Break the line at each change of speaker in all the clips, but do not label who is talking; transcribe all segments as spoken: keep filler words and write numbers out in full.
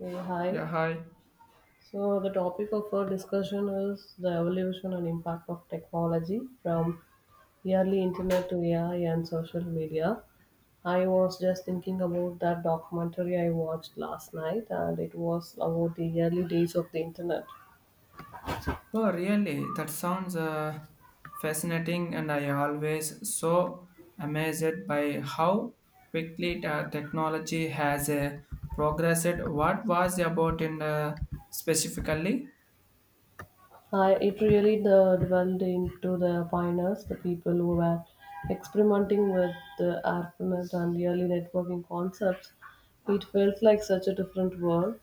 Okay, hi.
Yeah, hi.
So the topic of our discussion is the evolution and impact of technology from early internet to A I and social media. I was just thinking about that documentary I watched last night, and it was about the early days of the internet.
Oh, really? That sounds uh, fascinating, and I always so amazed by how quickly the technology has uh, progressed. What was about in uh, specifically?
I, it really uh, dwelled into the pioneers, the people who were experimenting with the ARPANET and early networking concepts. It felt like such a different world.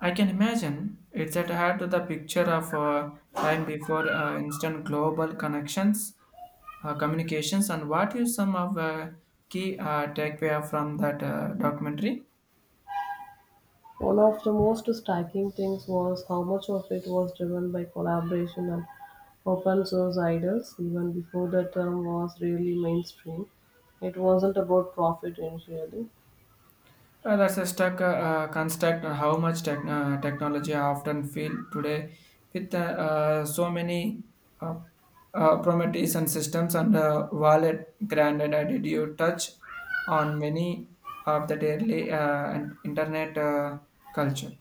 I can imagine it's at had to the picture of uh, time before uh, instant global connections, uh, communications, and what is some of uh, key uh, takeaway from that uh, documentary?
One of the most striking things was how much of it was driven by collaboration and open source ideas, even before the term was really mainstream. It wasn't about profit initially.
Uh, that's a stuck uh, uh, construct on how much tech, uh, technology I often feel today with uh, uh, so many uh, uh, Prometheus and systems and uh, wallet granted I did you touch on many of the daily uh, and internet uh, culture.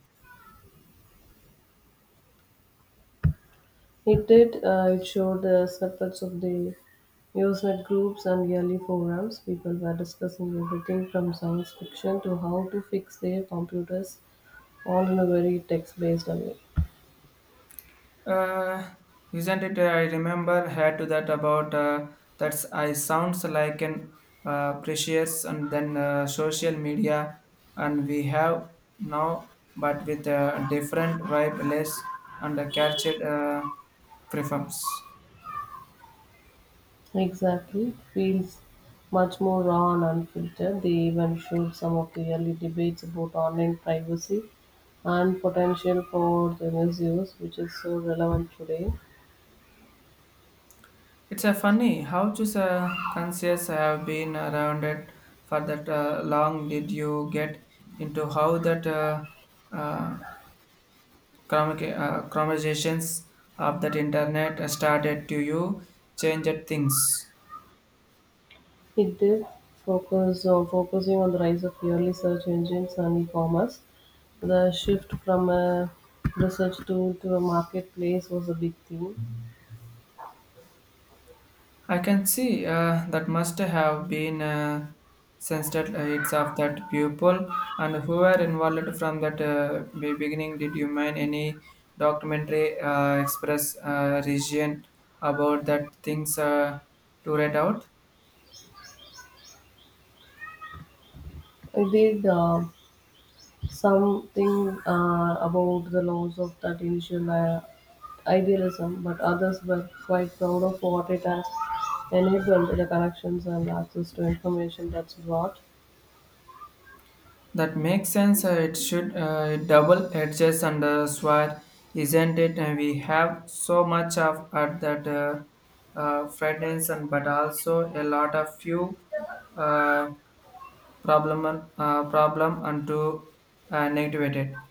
It did. Uh, it showed the snippets of the Usenet groups and yearly forums. People were discussing everything from science fiction to how to fix their computers, all in a very text based way.
Uh, isn't it? uh, I remember had to that about uh, that's I sounds like an uh, precious and then uh, social media and we have now, but with a different vibe, less and a captured uh, preference.
Exactly. It feels much more raw and unfiltered. They even showed some of the early debates about online privacy and potential for the misuse, which is so relevant today.
It's a funny how just uh, conscious have been around it for that uh, long. Did you get into how that uh, uh, Chromica- uh, conversations of that internet started to you changed things.
It did focus on focusing on the rise of purely search engines and e-commerce. The shift from a research tool to a marketplace was a big theme.
I can see uh, that must have been uh, sensitive uh, it's of that pupil and who were involved from that uh, be- beginning. Did you mind any documentary uh, express uh, region about that things uh, to read out?
I did. Uh, Something uh, about the loss of that initial uh, idealism, but others were quite proud of what it has enabled the connections and access to information that's brought.
That makes sense. uh, It should uh, double edges and uh, sword, isn't it? And we have so much of at that uh, uh, fragrance and but also a lot of few uh, problem uh, problem and to uh, negativate it.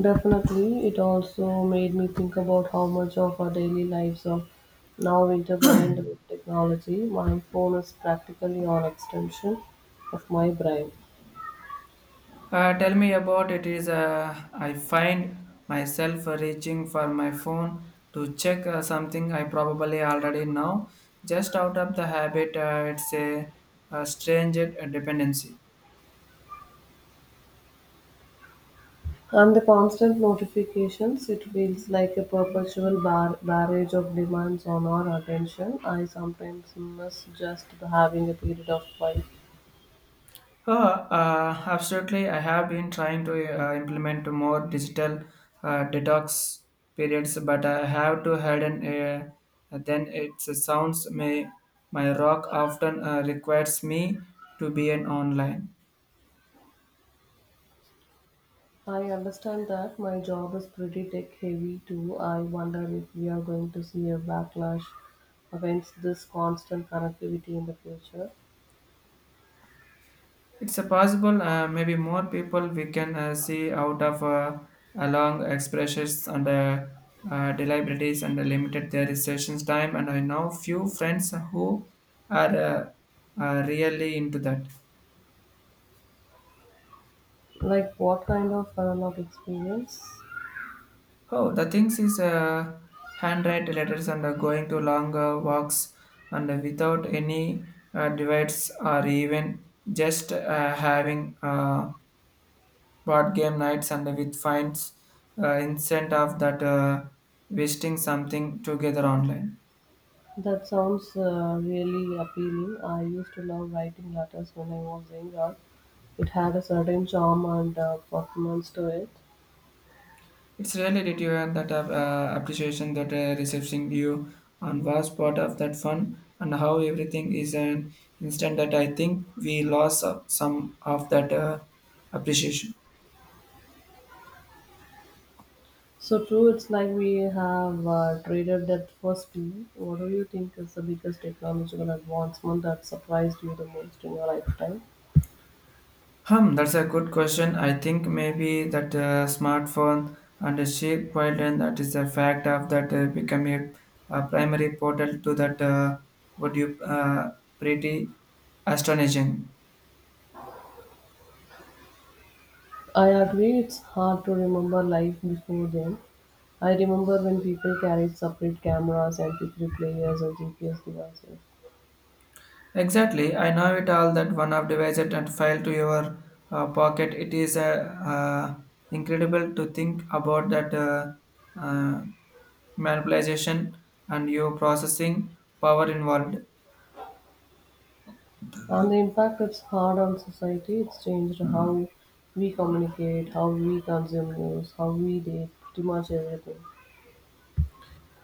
Definitely, it also made me think about how much of our daily lives are now intertwined with technology. My phone is practically on extension of my brain.
Uh, tell me about it is uh, I find myself reaching for my phone to check uh, something I probably already know just out of the habit uh, it's a, a strange uh, dependency.
And the constant notifications, it feels like a perpetual bar- barrage of demands on our attention. I sometimes miss just having a period of quiet.
Uh, uh, absolutely I have been trying to uh, implement more digital uh, detox periods but I have to harden uh, then it sounds may my rock often uh, requires me to be an online.
I understand that my job is pretty tech heavy too. I wonder if we are going to see a backlash against this constant connectivity in the future.
It's a possible, uh, maybe more people we can uh, see out of uh, along expressions and uh, uh, deliberaties and limited their restrictions time. And I know few friends who are uh, uh, really into that.
Like, what kind of burnout experience?
Oh, the things is uh, handwrite letters and uh, going to long uh, walks and uh, without any uh, divides or even just uh, having uh, board game nights and with finds uh, instead of that uh, wasting something together online.
That sounds uh, really appealing. I used to love writing letters when I was younger. It had a certain charm and uh, performance to it.
It's really did you have that uh, uh, appreciation that uh, receiving you and was part of that fun and how everything is an instant that I think we lost uh, some of that uh, appreciation.
So true, it's like we have uh, traded that for speed. What do you think is the biggest technological advancement that surprised you the most in your lifetime?
Hmm, that's a good question. I think maybe that uh, smartphone and the sheep wildland that is a fact of that uh, become a, a primary portal to that uh, what you uh, pretty astonishing.
I agree, it's hard to remember life before then. I remember when people carried separate cameras, M P three players, and G P S devices.
Exactly, I know it all that one of device it and file to your uh, pocket. It is uh, uh, incredible to think about that uh, uh, manipulation and your processing power involved.
And the impact it's had on society, it's changed how we communicate, how we consume news, how we date, pretty much everything.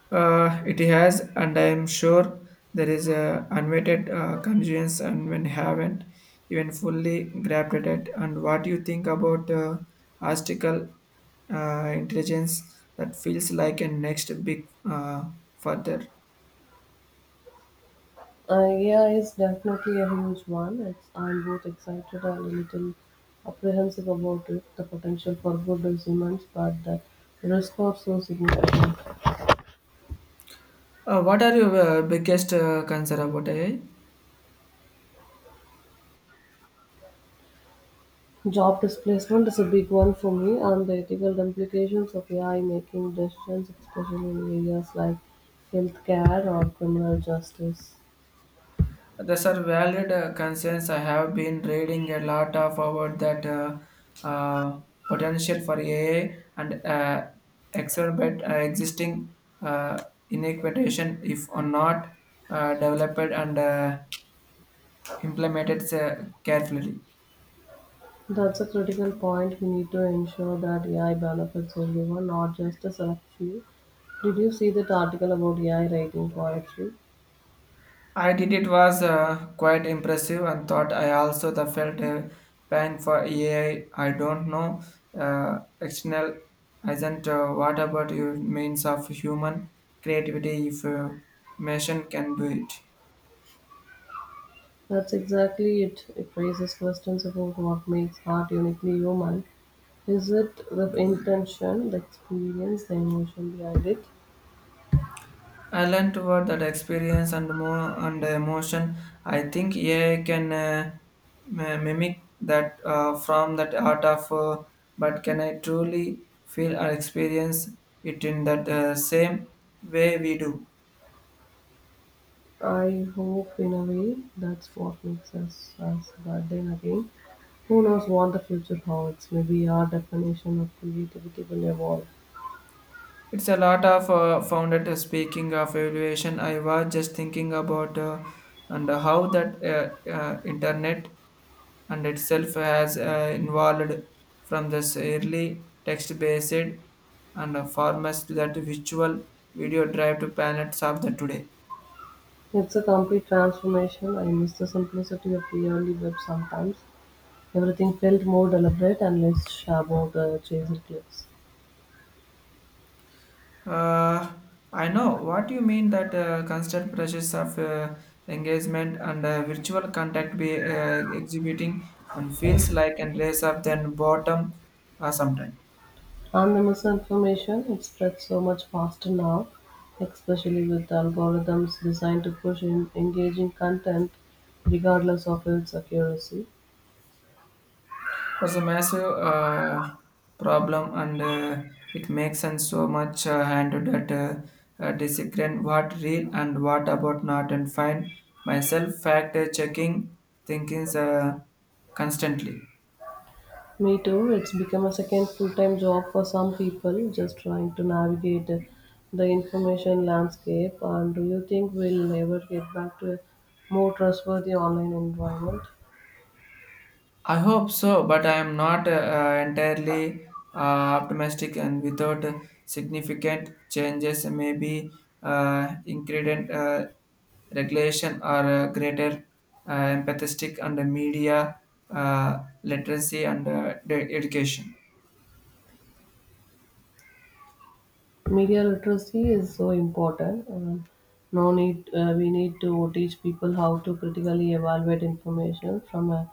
Uh, it has, and I am sure there is a unweighted uh, convenience, and when haven't even fully grabbed at it. And what do you think about uh, artificial uh, intelligence that feels like a next big uh, further?
Uh, yeah, it's definitely a huge one. It's, I'm both excited and a little apprehensive about it. The potential for good is immense, but the risk are so significant.
Uh, what are your uh, biggest uh, concern about A I?
Job displacement is a big one for me, and the ethical implications of A I making decisions, especially in areas like healthcare or criminal justice.
These are valid uh, concerns. I have been reading a lot of about that uh, uh, potential for A I and uh, exacerbate uh, existing uh, inequitation if or not uh, developed and uh, implemented uh, carefully.
That's a critical point. We need to ensure that A I benefits everyone, not just a select few. Did you see that article about A I writing poetry?
I did it was uh, quite impressive and thought I also the felt a pain for A I. I I don't know uh, external isn't uh, what about your means of human creativity if uh, machine can do it.
That's exactly it. It raises questions about what makes art uniquely human. Is it the intention, the experience, the emotion behind it?
I learned toward that experience and more and emotion. I think A I can uh, mi- mimic that uh, from that art of, uh, but can I truly feel or experience it in that uh, same way we do?
I hope, in a way, that's what makes us us. That then again, who knows what the future holds? Maybe our definition of creativity will evolve.
It's a lot of uh, founded uh, speaking of evaluation. I was just thinking about uh, and how that uh, uh, internet and itself has uh, evolved from this early text-based and uh, formats to that virtual video drive to planets of the today.
It's a complete transformation. I miss the simplicity of the early web sometimes. Everything felt more deliberate and less about the chasing clicks.
Uh, I know what you mean that uh, constant pressures of uh, engagement and uh, virtual contact be uh, exhibiting and feels like and raise up then bottom uh, sometime.
And the misinformation, it spreads so much faster now, especially with algorithms designed to push in engaging content regardless of its accuracy.
That's a massive uh, problem and uh, it makes sense so much uh, handled that uh, uh, disagreeing what real and what about not and find myself fact checking thinkings uh, constantly.
Me too. It's become a second full-time job for some people, just trying to navigate the information landscape. And do you think we'll ever get back to a more trustworthy online environment?
I hope so, but I am not uh, entirely uh, optimistic and without significant changes, maybe uh, ingredient uh, regulation or uh, greater uh, empathetic and media uh, literacy and uh, de- education.
Media literacy is so important. Um, no need. Uh, we need to teach people how to critically evaluate information from a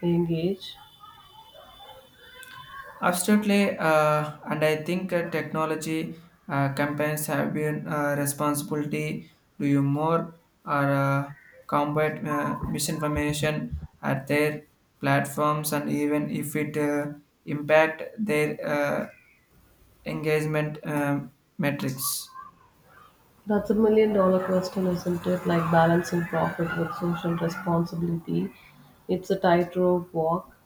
young age.
Absolutely, uh, and I think uh, technology uh, campaigns have been uh, responsibility to you more or uh, combat uh, misinformation at their platforms, and even if it uh, impact their uh, engagement um, metrics.
That's a million dollar question, isn't it? Like balancing profit with social responsibility. It's a tightrope walk.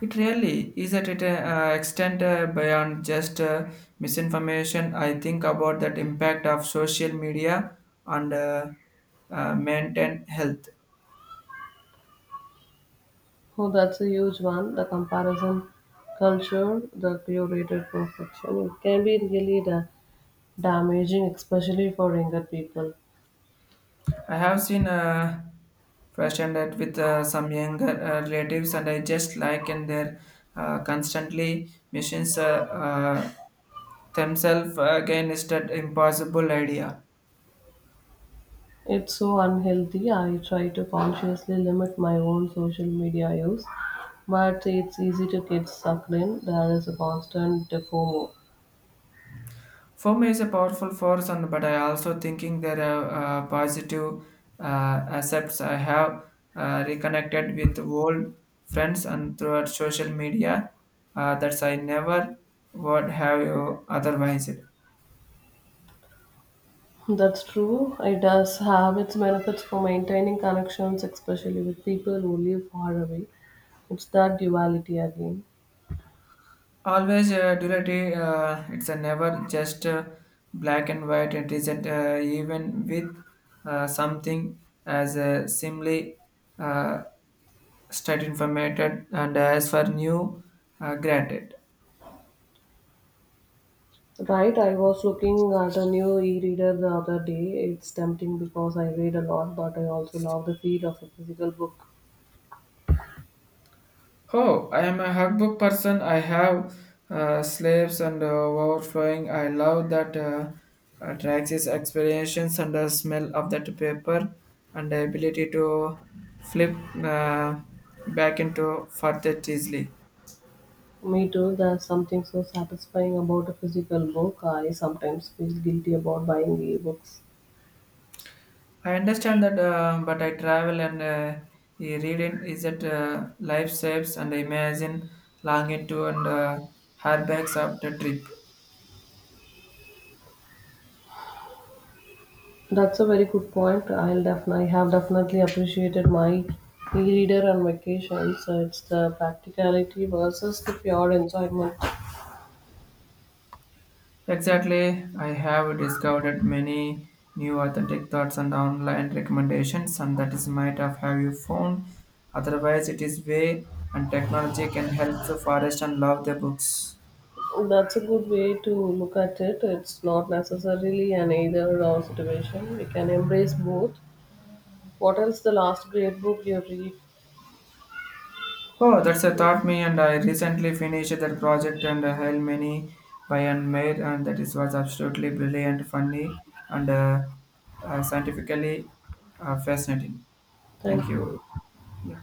It really is at an uh, extent uh, beyond just uh, misinformation. I think about that impact of social media on uh, uh, maintain health.
Oh, that's a huge one. The comparison culture, the curated perfection, it can be really da- damaging, especially for younger people.
I have seen uh, fashion that with uh, some younger uh, relatives, and I just like and they're uh, constantly machines uh, uh, themselves uh, again is that impossible idea.
It's so unhealthy. I try to consciously limit my own social media use, but it's easy to get sucked in. There is a constant FOMO.
FOMO is a powerful force, and but I also thinking there are uh, positive uh, aspects. I have uh, reconnected with old friends and throughout social media uh, that I never would have otherwise.
That's true. It does have its benefits for maintaining connections, especially with people who live far away. It's that duality again.
Always uh, duality, uh, it's a never just uh, black and white. It isn't uh, even with uh, something as uh, simply uh, state informated and as for new uh, granted.
Right, I was looking at a new e-reader the other day. It's tempting because I read a lot, but I also love the feel of a physical book.
Oh, I am a hugbook person. I have uh, slaves and uh, overflowing. I love that uh, uh, Traxxas experience and the smell of that paper and the ability to flip uh, back into further easily.
Me too, there's something so satisfying about a physical book. I sometimes feel guilty about buying e-books.
I understand that, uh, but I travel and uh, e- reading is that uh, life saves and I imagine longing to and uh, hardbacks of the trip.
That's a very good point. I'll definitely have definitely appreciated my e-reader on vacation. So it's the practicality versus the pure enjoyment.
Exactly, I have discovered many new authentic thoughts and online recommendations, and that is might of have you found. Otherwise, it is way and technology can help the forest and love the books.
That's a good way to look at it. It's not necessarily an either or situation. We can embrace both. What else the last great book you read?
Oh, that's a
Okay.
thought me, and I recently finished that project and I held many by and made, and that is was absolutely brilliant, funny, and uh, uh, scientifically uh, fascinating.
Thank
Thank you.
you.
Yeah.